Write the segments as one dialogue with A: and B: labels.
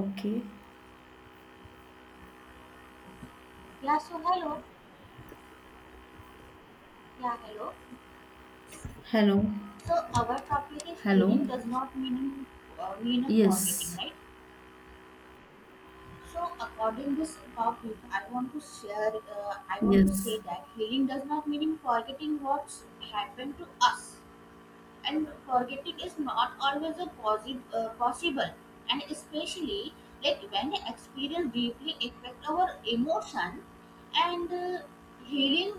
A: Okay.
B: Yeah, so hello. Yeah, hello.
A: Hello.
B: So our topic is hearing
A: Hello.
B: does not mean a forgetting,
A: Yes.
B: right? So according this topic, I want to share. I want to say
A: Yes.
B: that hearing does not mean forgetting what's happened to us, and forgetting is not always a possible, and especially like when experience deeply affect our emotion, and healing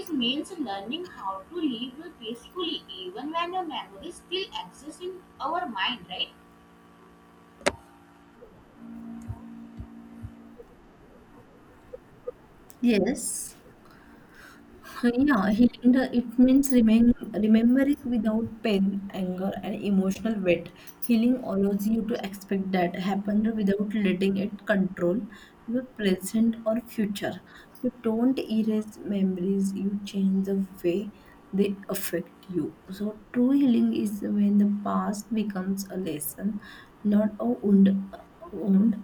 B: is means learning how to live peacefully even when your memories still exist in our mind, right?
A: Yes. Yeah, healing the it means remembering without pain, anger, and emotional weight. Healing allows you to expect that happen without letting it control your present or future. You don't erase memories, you change the way they affect you. So true healing is when the past becomes a lesson, not a wound,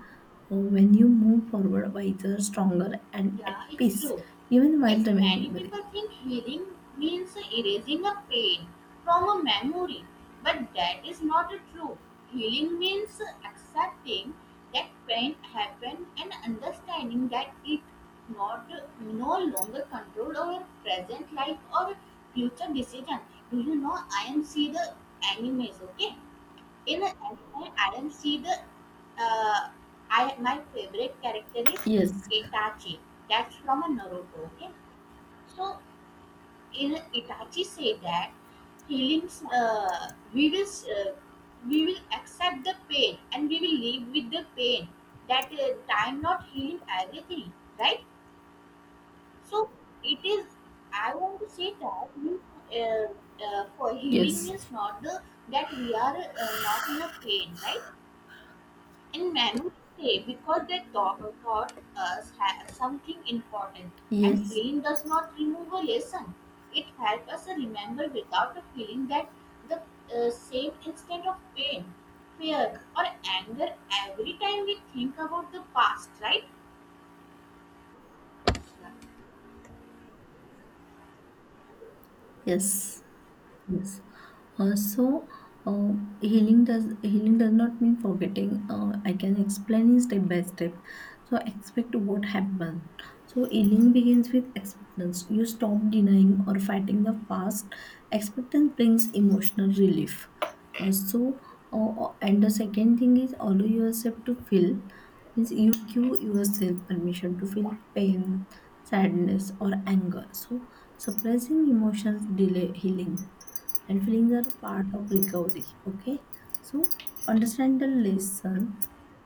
A: when you move forward wiser, stronger, and at
B: Yeah, it's
A: peace,
B: true.
A: even while
B: Like many
A: remembering.
B: people think healing means erasing a pain from a memory, but that is not true. Healing means accepting that pain happened and understanding that it not no longer control our present life or future decision. Do you know I am see the animes, okay? In anime, I don't see the. Uh, I my favorite character is
A: Yes,
B: Itachi. That's from a Naruto. Okay, so in Itachi say that healings. We will accept the pain and we will live with the pain. That time not healing everything, right? So it is. I want to say that we, uh, for healing
A: yes,
B: is not the that we are not in a pain, right? And men would stay because they thought taught us something important. And
A: yes,
B: healing does not remove a lesson. It helps us remember without a feeling that the same instant of pain, fear, or anger every time we think about the past, right? Yeah.
A: yes. Yes. Uh, so uh, healing does not mean forgetting. I can explain in step by step. So expect what happened. So healing begins with expectance. You stop denying or fighting the past. Expectance brings emotional relief. Uh, so and the second thing is allow yourself to feel. Means you give yourself permission to feel pain, sadness, or anger. So suppressing emotions delay healing, and feelings are a part of recovery. Okay, so understand the lesson.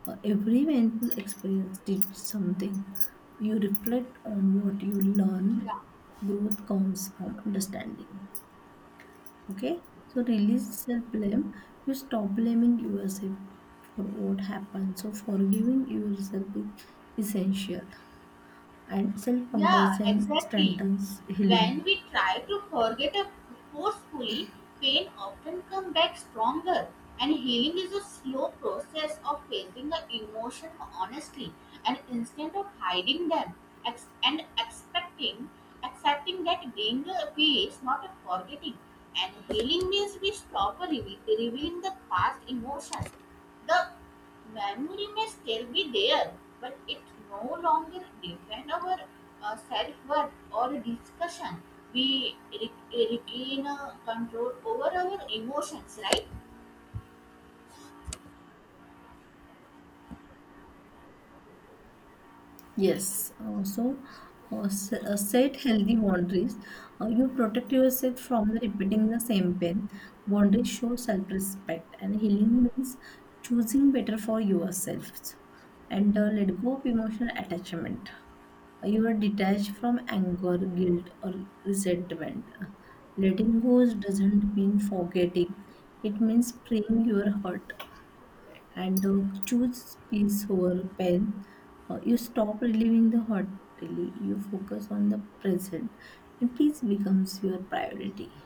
A: Every painful experience teach something. You reflect on what you learn.
B: Yeah.
A: Growth comes from understanding. Okay, so release self-blame. You stop blaming yourself for what happened, so forgiving yourself is essential, and
B: Yeah,
A: self-compassion
B: exactly.
A: strengthens healing.
B: When we try to forget a forcefully, pain often comes back stronger. And healing is a slow process of facing the emotion honestly and instead of hiding them and expecting, accepting that being a peace, not a forgetting. And healing means we stop revealing the past emotions, the memory may still be there, but it no longer defines our self worth or discussion. We regain control over our emotions, right?
A: Yes, uh, so Set healthy boundaries. You protect yourself from the repeating the same pain. Boundaries show self-respect, and healing means choosing better for yourself. And Let go of emotional attachment. You are detached from anger, guilt, or resentment. Letting go doesn't mean forgetting, it means freeing your heart. And Choose peace over pain. You stop reliving the hot daily. You focus on the present, and peace becomes your priority.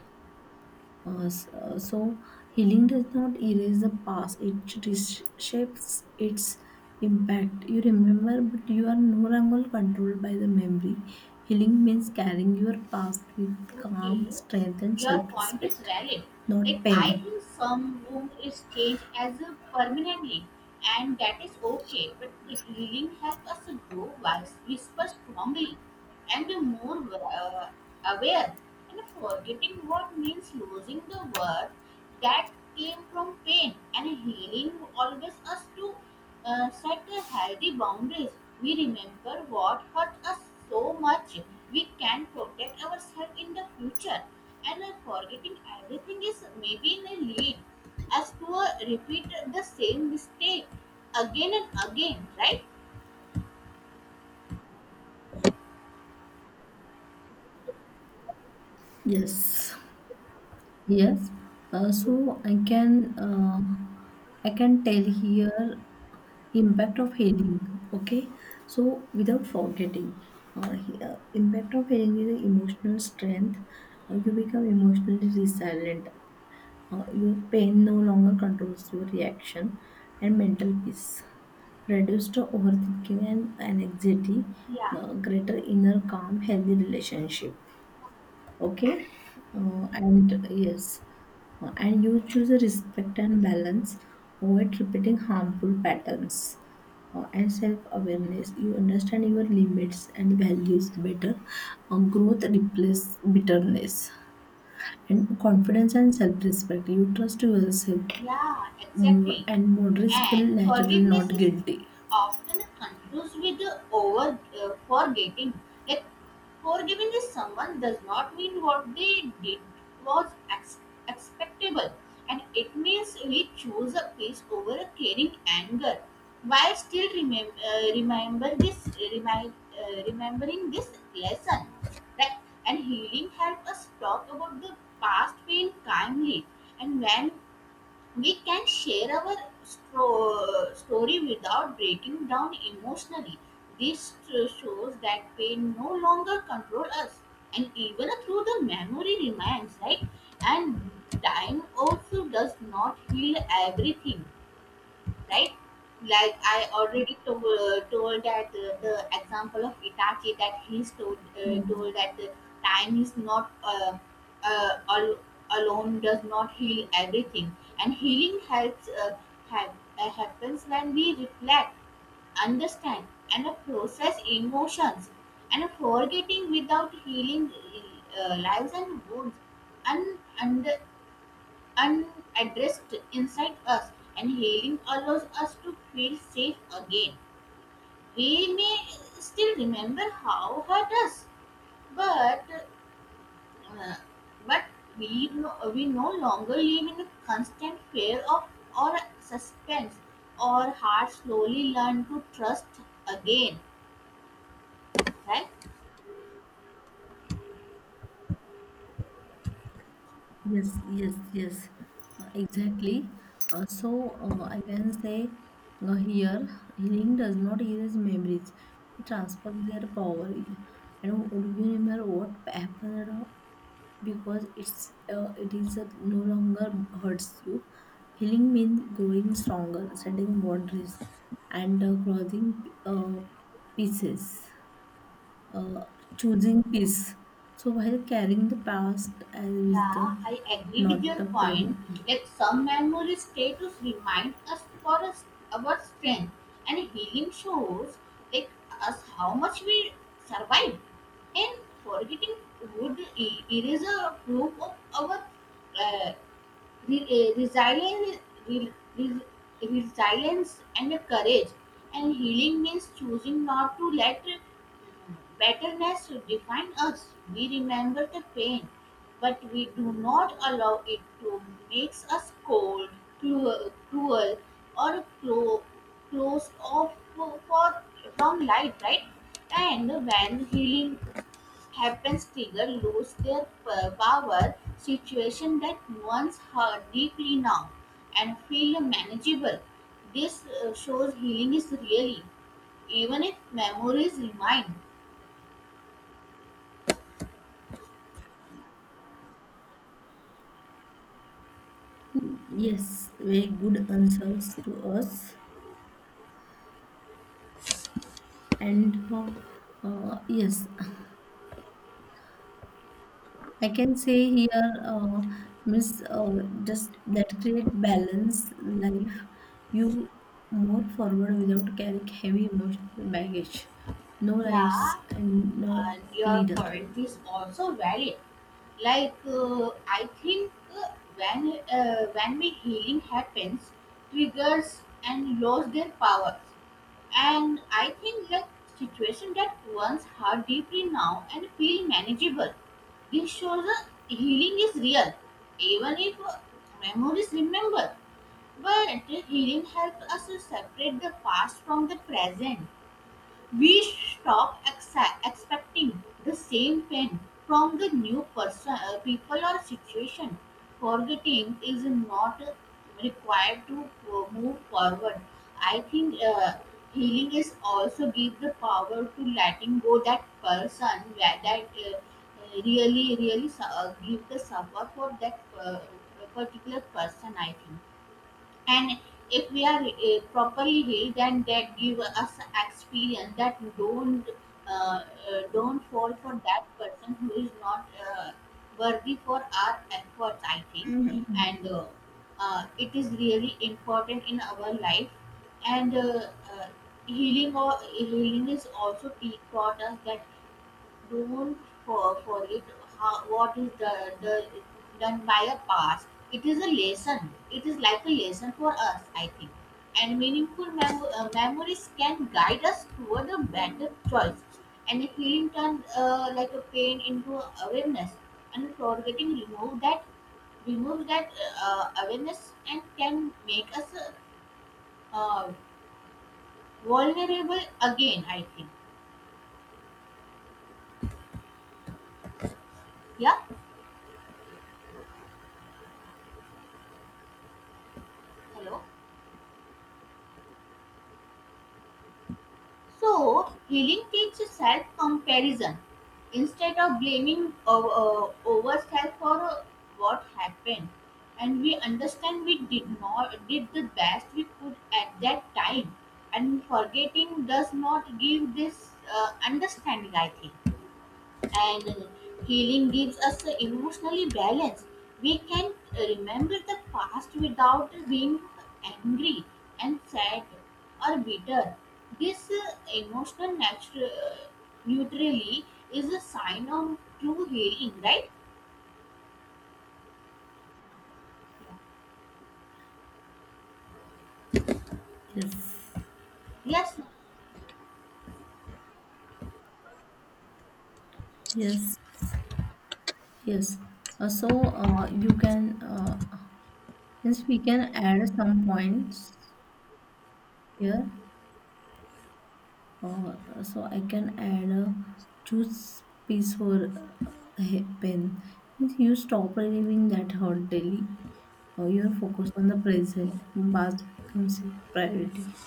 A: Uh, s- uh, so, Healing does not erase the past; it reshapes its impact. You remember, but you are no longer controlled by the memory. Healing means carrying your past with
B: Okay,
A: calm, strength, and
B: your point is
A: self-respect,
B: valid.
A: not
B: Like, I
A: pain.
B: think some wound is changed as a permanently, and that is okay, but the healing helps us to grow wise, whisper strongly, and be more aware, and forgetting what means losing the worth that came from pain, and healing always us to set a healthy boundaries. We remember what hurt us so much we can protect ourselves in the future, and forgetting everything is maybe in a lead as to repeat the same mistake again and again, right?
A: Yes. Yes, so I can tell here impact of healing. Okay, so without forgetting, impact of healing is emotional strength. You become emotionally resilient. Your pain no longer controls your reaction, and mental peace reduced overthinking and anxiety.
B: Yeah.
A: Greater inner calm, healthy relationship. Okay. And yes. And you choose a respect and balance, avoid repeating harmful patterns. And self-awareness, you understand your limits and values better. Growth replaces bitterness, and confidence and self-respect, you trust yourself
B: Yeah,
A: more,
B: exactly.
A: and moderate feel
B: And
A: natural,
B: forgiveness
A: not
B: is
A: guilty.
B: often confused with the over forgetting. Like forgiving is someone does not mean what they did was expectable, and it means we choose a peace over a caring anger. Why still remember this? Remembering this lesson, right? And healing help us talk about the past pain kindly. And when we can share our story without breaking down emotionally. This shows that pain no longer controls us, and even through the memory remains, right? And time also does not heal everything, right? Like I already told, that the example of Itachi that he told, told that the time is not uh, al- alone does not heal everything, and healing helps ha- happens when we reflect, understand, and process emotions, and forgetting without healing lives and wounds, and under unaddressed inside us, and healing allows us to feel safe again. We may still remember how hurt us, but uh, but we we no longer live in a constant fear of or suspense. Our hearts slowly learn to trust again, right?
A: Yes, yes, yes, exactly. I can say, here healing does not erase memories; it transfers their power. And would you remember what happened because it is no longer hurts you. Healing means growing stronger, setting boundaries, and crossing pieces, uh, choosing peace. So while carrying the past as wisdom,
B: Yeah, I agree with
A: not
B: your
A: the pain.
B: point. Like some memories stay to remind us for us our strength, and healing shows like us how much we survived. And forgetting would erase a proof of our uh, resilience, re- re- resilience and courage. And healing means choosing not to let bitterness define us. We remember the pain, but we do not allow it to make us cold, cruel or closed off from light, right? And when healing happens, triggers lose their power. Situation that once hurt deeply now and feel manageable. This shows healing is really, even if memories remain.
A: Yes, very good answers to us. And yes, I can say here, Miss, just that create balance life. You more forward without carrying heavy emotional baggage. No rights
B: Yeah,
A: and no
B: and your
A: leader.
B: point is also valid. Like I think when we healing happens, triggers and lose their power. And I think like situation that once hurt deeply now and feel manageable. This shows that healing is real, even if memories remember. But healing helps us to separate the past from the present. We stop expecting the same pain from the new person, people, or situation. Forgetting is not required to move forward. I think healing is also give the power to letting go that person where that really, really give the suffer for that particular person, I think. And if we are properly healed, then that give us experience that uh, don't fall for that person who is not uh, worthy for our efforts, I think.
A: Mhm.
B: And it is really important in our life, and healing or healing is also taught us that renowned for it, how, what is the, done by a past. It is a lesson. It is like a lesson for us, I think. And meaningful memories can guide us toward a better choice. And a healing turns like a pain into awareness. And forgetting remove that awareness and can make us uh, vulnerable again, I think. Yeah. Hello. So, healing teaches self comparison. Instead of blaming ourselves for what happened, and we understand we did not did the best we could at that time, and forgetting does not give this understanding, I think. And healing gives us emotionally balance. We can remember the past without being angry and sad or bitter. This emotional neutrally is a sign of true healing, right?
A: Yes,
B: Yes.
A: yes, yes. You can, since we can add some points here, so I can add a choose piece for pen. Means you stop reliving that hurt daily. You're focused on the present, and past becomes your priority.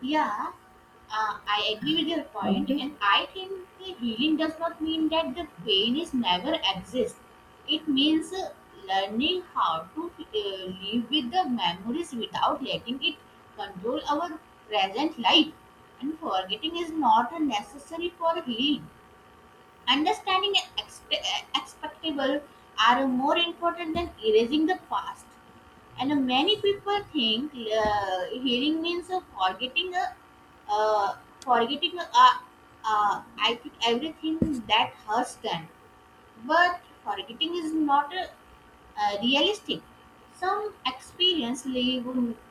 B: Yeah, I agree with your point,
A: Okay.
B: and I think the healing does not mean that the pain is never exists. It means learning how to live with the memories without letting it control our present life. And forgetting is not a necessary for healing. Understanding and expectable are more important than erasing the past. And many people think healing means uh, forgetting I think everything that hurts them. But forgetting is not realistic. Some experience leave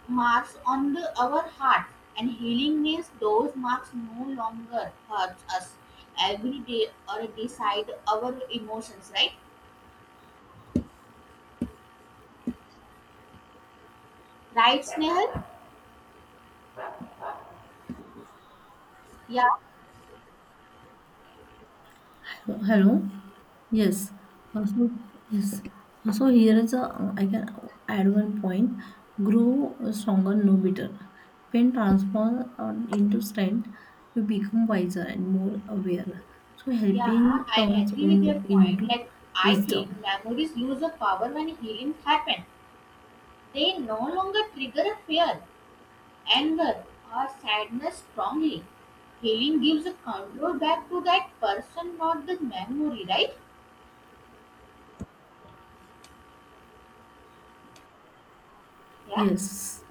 B: marks on our heart, and healing means those marks no longer hurts us every day or decide our emotions, right? Right, Snehal? Yeah.
A: So, hello. Yes. Also, yes. Also, here is a I can add one point. Grow stronger, no bitter. When transformed into strength, you become wiser and more aware. So,
B: Yeah,
A: helping
B: I
A: turns
B: agree with your
A: wound
B: point.
A: into
B: Like, I
A: wisdom.
B: think memories lose their power when healings happen. They no longer trigger a fear, anger, or sadness strongly. Healing gives a control back to that person, not the memory, right? Yeah.
A: Yes.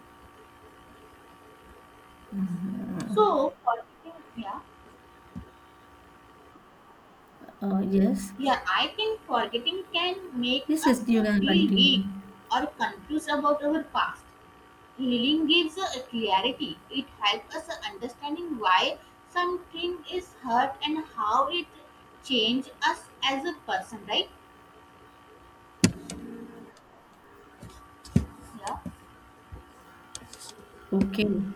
A: Mhm.
B: So, forgetting, yeah,
A: Yes.
B: yeah. I think forgetting can make
A: Yes. Yes.
B: us
A: You can
B: feel
A: continue.
B: weak or confused about our past. Healing gives a clarity. It helps us understanding why something is hurt and how it changes us as a person, right? Yeah.
A: Okay.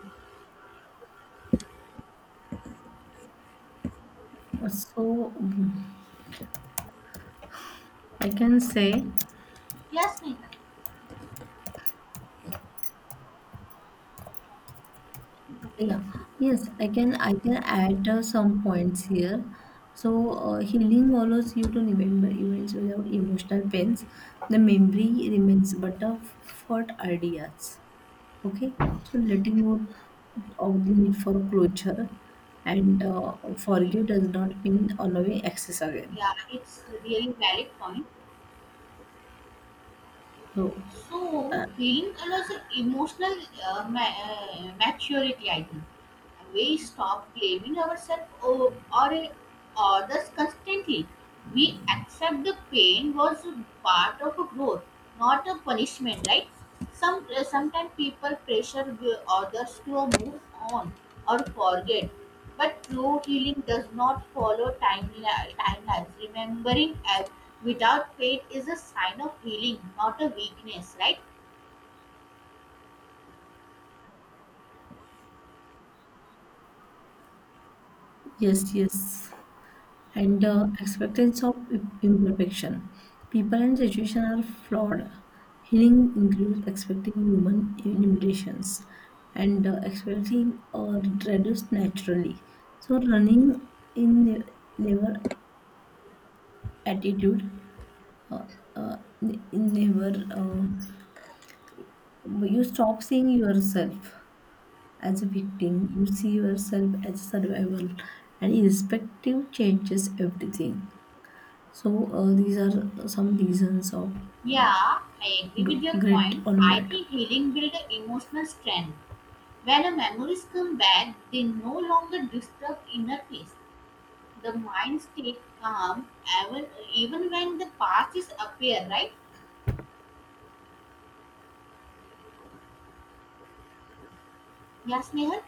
A: So, I can say.
B: Yes, Neha. Okay.
A: Yeah, yes, I can add some points here. So healing allows you to remember events without emotional pains. The memory remains but of thought ideas. Okay, so letting go of the need for closure, and
B: Okay.
A: forgive does not mean allowing access again.
B: Yeah, it's really valid point.
A: So
B: So,
A: uh,
B: healing allows a emotional maturity, I think. We stop blaming ourselves or others constantly. We accept the pain was part of a growth, not a punishment, right? Some sometimes people pressure the others to move on or forget, but true healing does not follow timelines. Remembering as without faith is a sign of healing, not a weakness, right?
A: yes, yes. and acceptance of imperfection. People and situation are flawed. Healing includes accepting human limitations, and expecting or reduced naturally. So running in never attitude, uh, uh, ne- never, but you stop seeing yourself as a victim. You see yourself as a survival, and irrespective changes everything. So these are some reasons of uh,
B: Yeah, I agree with your
A: grit
B: point.
A: on.
B: I think healing builds emotional strength. When the memories come back, they no longer disturb inner peace. The mind stays calm even, even when the past is appear, right? Yes, Nehal?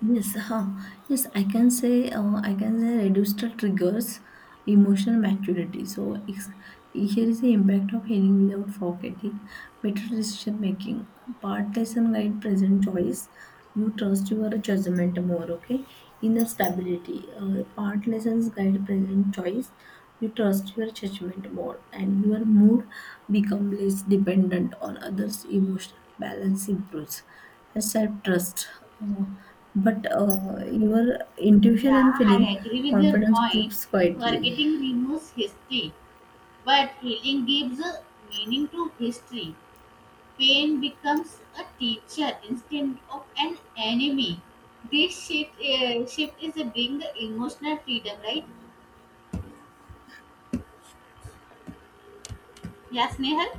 A: Yes, huh. Yes, I can say reduce the triggers emotional maturity. Here is the impact of healing without forgetting better decision making. Part lesson guide present choice. You trust your judgment more. Okay, inner stability. Part lessons guide present choice. You trust your judgment more, and your mood become less dependent on others. Emotional balance improves. Yes, I trust. Uh, but Your intuition
B: Yeah,
A: and feeling
B: I agree with your
A: confidence
B: point.
A: groups quietly.
B: Forgetting removes history. But healing gives a meaning to history. Pain becomes a teacher instead of an enemy. This shift is a bring the emotional freedom, right? Yes, Nehal?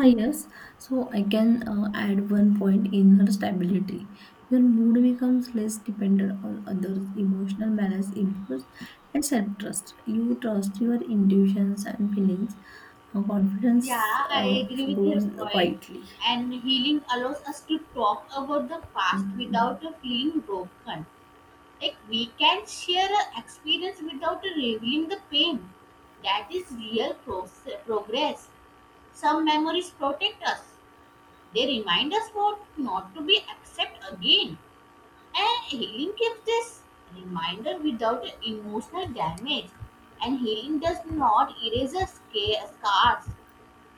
A: Yes, so I can add one point, inner stability. Your mood becomes less dependent on others, emotional balance improves, and self trust. You trust your intuitions and feelings. Confidence
B: Yeah, I agree with your
A: grows
B: point.
A: quietly.
B: And healing allows us to talk about the past without feeling broken. Like we can share our experience without revealing the pain. That is real progress. Some memories protect us. They remind us what not to be accept again. And healing gives this reminder without emotional damage. And healing does not erase the scars.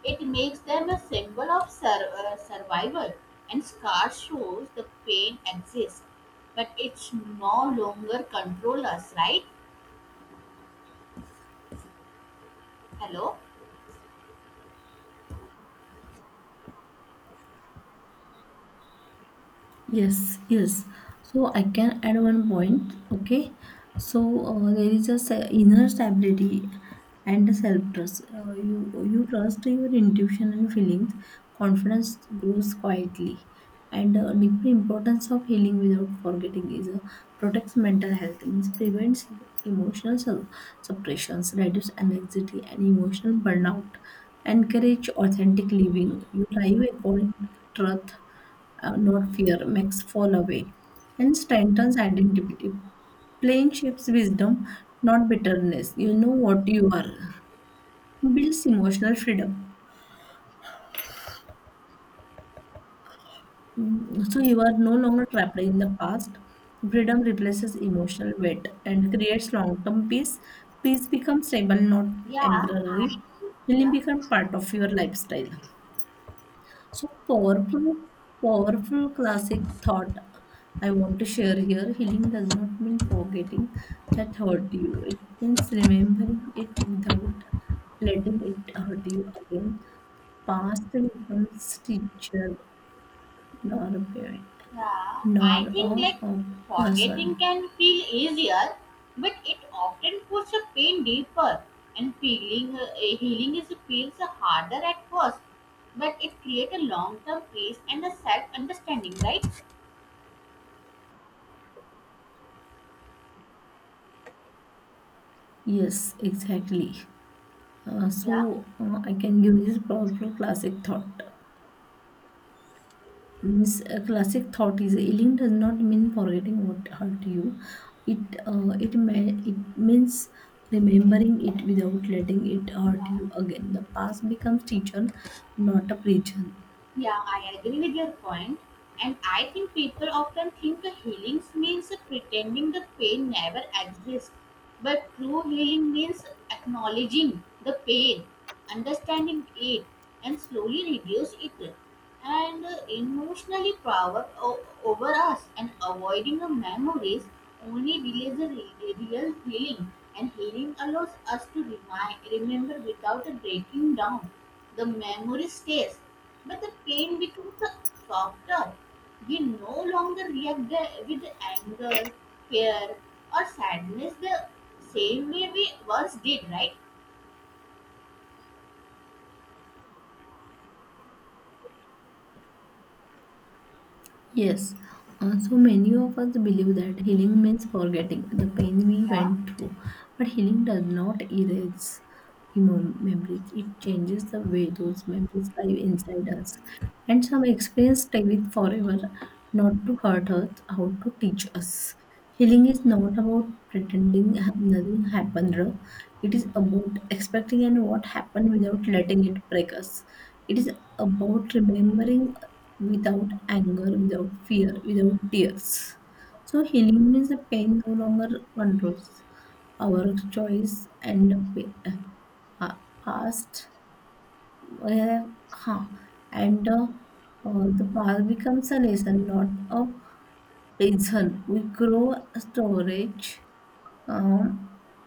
B: It makes them a symbol of survival. And scars shows the pain exists, but it's no longer control us, right? Hello?
A: Yes, yes. So I can add one point. Okay. So there is a inner stability and self trust. You trust your intuition and feelings. Confidence grows quietly, and deeper importance of healing without forgetting is, protects mental health. Means prevents emotional suppressions, reduces anxiety and emotional burnout. Encourage authentic living. You live according to the truth, not fear, makes fall away, and strengthens identity. Playing shapes wisdom, not bitterness. You know what you are. Builds emotional freedom. So you are no longer trapped in the past. Freedom replaces emotional weight and creates long-term peace. Peace becomes stable, not
B: Yeah, I
A: temporary. Healing
B: yeah.
A: becomes part of your lifestyle. So powerful classic thought I want to share here. Healing does not mean forgetting that hurt you. It means remembering it without letting it hurt you again. Past becomes teacher, nor a parent,
B: Yeah,
A: nor
B: I think
A: a,
B: like
A: a
B: forgetting
A: person.
B: can feel easier, but it often puts the pain deeper, and feeling healing is feels harder at first, but it creates a long-term peace and a self-understanding, right?
A: Yes, exactly.
B: Yeah.
A: I can give this powerful classic thought. This classic thought is healing does not mean forgetting what hurt you. It it means remembering it without letting it hurt
B: Yeah.
A: you again. The past becomes teacher, not a prison.
B: Yeah, I agree with your point. And I think people often think a healing means pretending the pain never exists. But true healing means acknowledging the pain, understanding it, and slowly reduce it. And emotionally over us, and avoiding the memories only delays the real healing. And healing allows us to remember without breaking down. The memory stays, but the pain becomes softer. We no longer react with anger, fear, or sadness the same way we once did, right?
A: Yes, so many of us believe that healing means forgetting the pain we
B: Yeah,
A: went through, but healing does not erase memories. It changes the way those memories live inside us, and some experience stay with forever, not to hurt us, how to teach us. Healing is not about pretending nothing happened. Ra. It is about expecting and what happened without letting it break us. It is about remembering without anger, without fear, without tears. So healing means the pain no longer controls our choice and uh, past. Uh, huh. And The past becomes a lesson, not a reason we grow storage, um,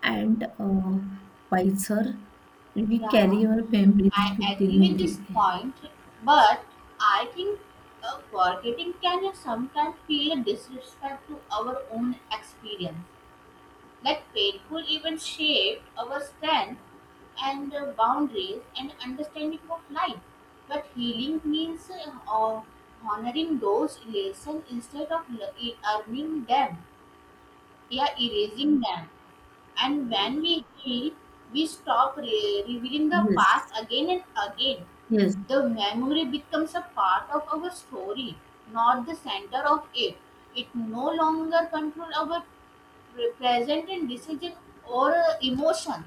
A: and wiser, and we carry
B: yeah,
A: our families
B: I
A: with
B: agree with
A: dignity.
B: this point, but I think forgetting can sometimes feel a disrespect to our own experience. That painful event shaped our strength and boundaries and understanding of life. But healing means honoring those lessons instead of earning them, yeah, erasing them. And when we heal, we stop revealing the
A: yes
B: past again and again.
A: yes
B: The memory becomes a part of our story, not the center of it. It no longer controls our represent in decision or emotions.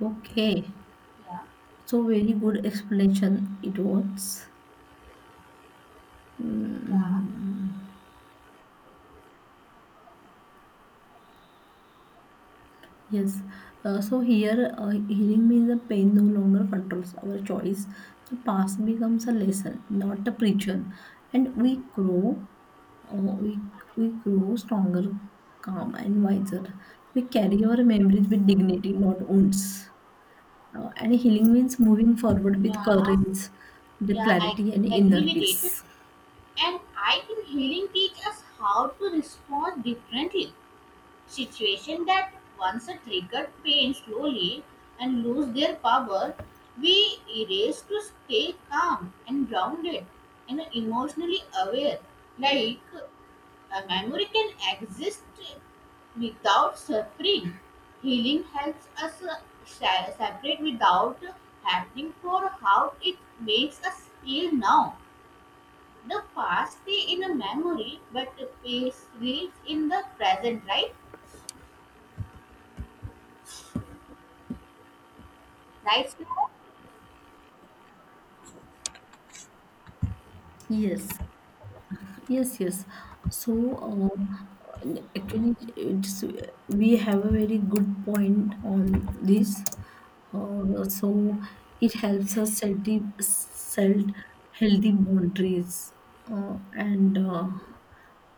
A: okay,
B: Yeah.
A: so very good explanation it was.
B: Yeah,
A: Mm. Yes, so here healing means the pain no longer controls our choice. The past becomes a lesson, not a preacher, and we grow. Uh, we we grow stronger, calm, and wiser. We carry our memories with dignity, not wounds. And healing means moving forward with
B: yeah,
A: courage, the
B: yeah, I
A: clarity, and
B: agree
A: inner
B: with it.
A: peace.
B: And I think healing teaches us how to respond differently. Situation that once a triggered pain slowly and lose their power, we erase to stay calm and grounded and emotionally aware. Like a memory can exist without suffering. Healing helps us separate without happening for how it makes us feel now. The past stays in a memory, but the past lives in the present, right? Right, Smita?
A: Yes. Yes, yes. So, actually, we have a very good point on this. Uh, so, it helps us set healthy boundaries, uh, and uh,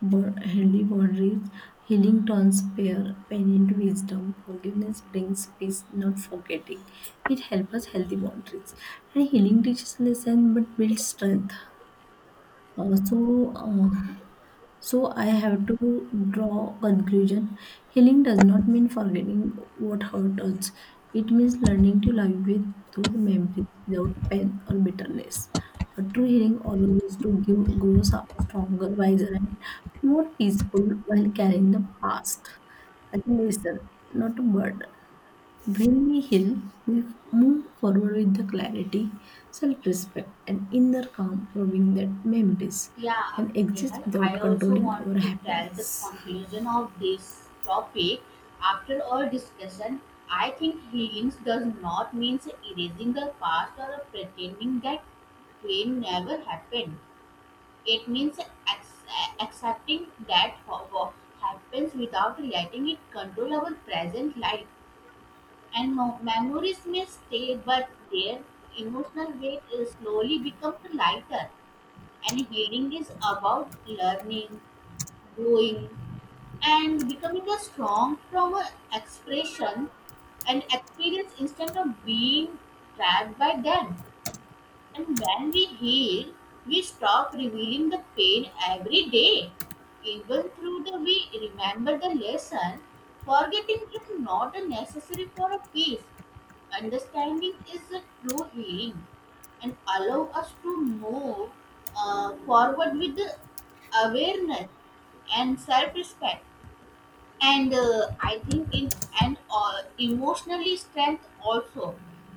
A: healthy boundaries. Healing turns pain into wisdom. Forgiveness brings peace, not forgetting. It helps us healthy boundaries. And healing teaches lesson but builds strength. Uh, so, uh, so I have to draw conclusion. Healing does not mean forgetting what hurt us. It means learning to live with those memories without pain or bitterness. A true healing allows to give grows up stronger, wiser, and more peaceful while carrying the past as a lesson, not a burden. When we heal, we move forward with the clarity, self respect, and inner calm, proving that memories
B: Yeah,
A: can exist
B: Nehal. I
A: without
B: also
A: controlling
B: want
A: our
B: to tell the
A: happiness.
B: conclusion of this topic. After our discussion, I think healing does not mean erasing the past or pretending that pain never happened. It means accepting that what happens without letting it control our present life. And memories may stay, but their emotional weight is slowly becomes lighter. And healing is about learning, growing, and becoming a strong from a expression and experience instead of being trapped by them. And when we heal, we stop revealing the pain every day. Even through the we remember the lesson, forgetting is not a necessary for a peace. Understanding is a true healing and allow us to move forward with the awareness and self-respect, and I think in and emotionally strength also.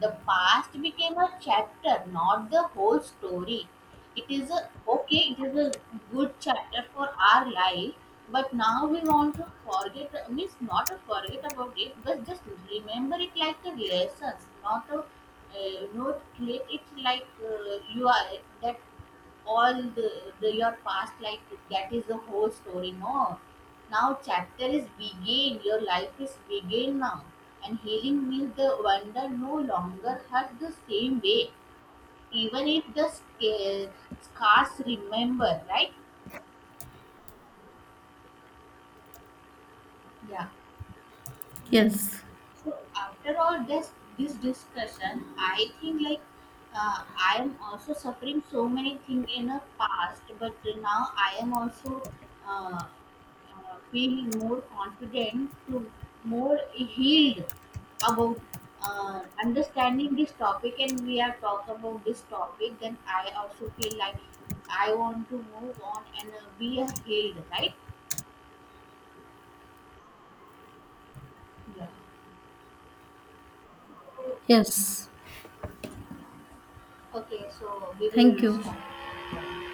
B: The past became a chapter, not the whole story. It is a okay, it is a good chapter for our life, but now we want to forget means not to forget about it, but just remember it like a lessons, not a not treat it like you are that all the your past life, that is the whole story. No, now chapter is begin, your life is begin now. And healing means the wonder no longer hurt the same way, even if the scars remember, right? Yeah.
A: Yes.
B: So after all this discussion, I think like I am also suffering so many things in the past, but now I am also feeling more confident to more healed about understanding this topic, and we are talk about this topic, then I also feel like I want to move on and be a healed, right? Yeah. Okay.
A: Yes.
B: Okay, so we
A: Thank
B: will
A: you.
B: start.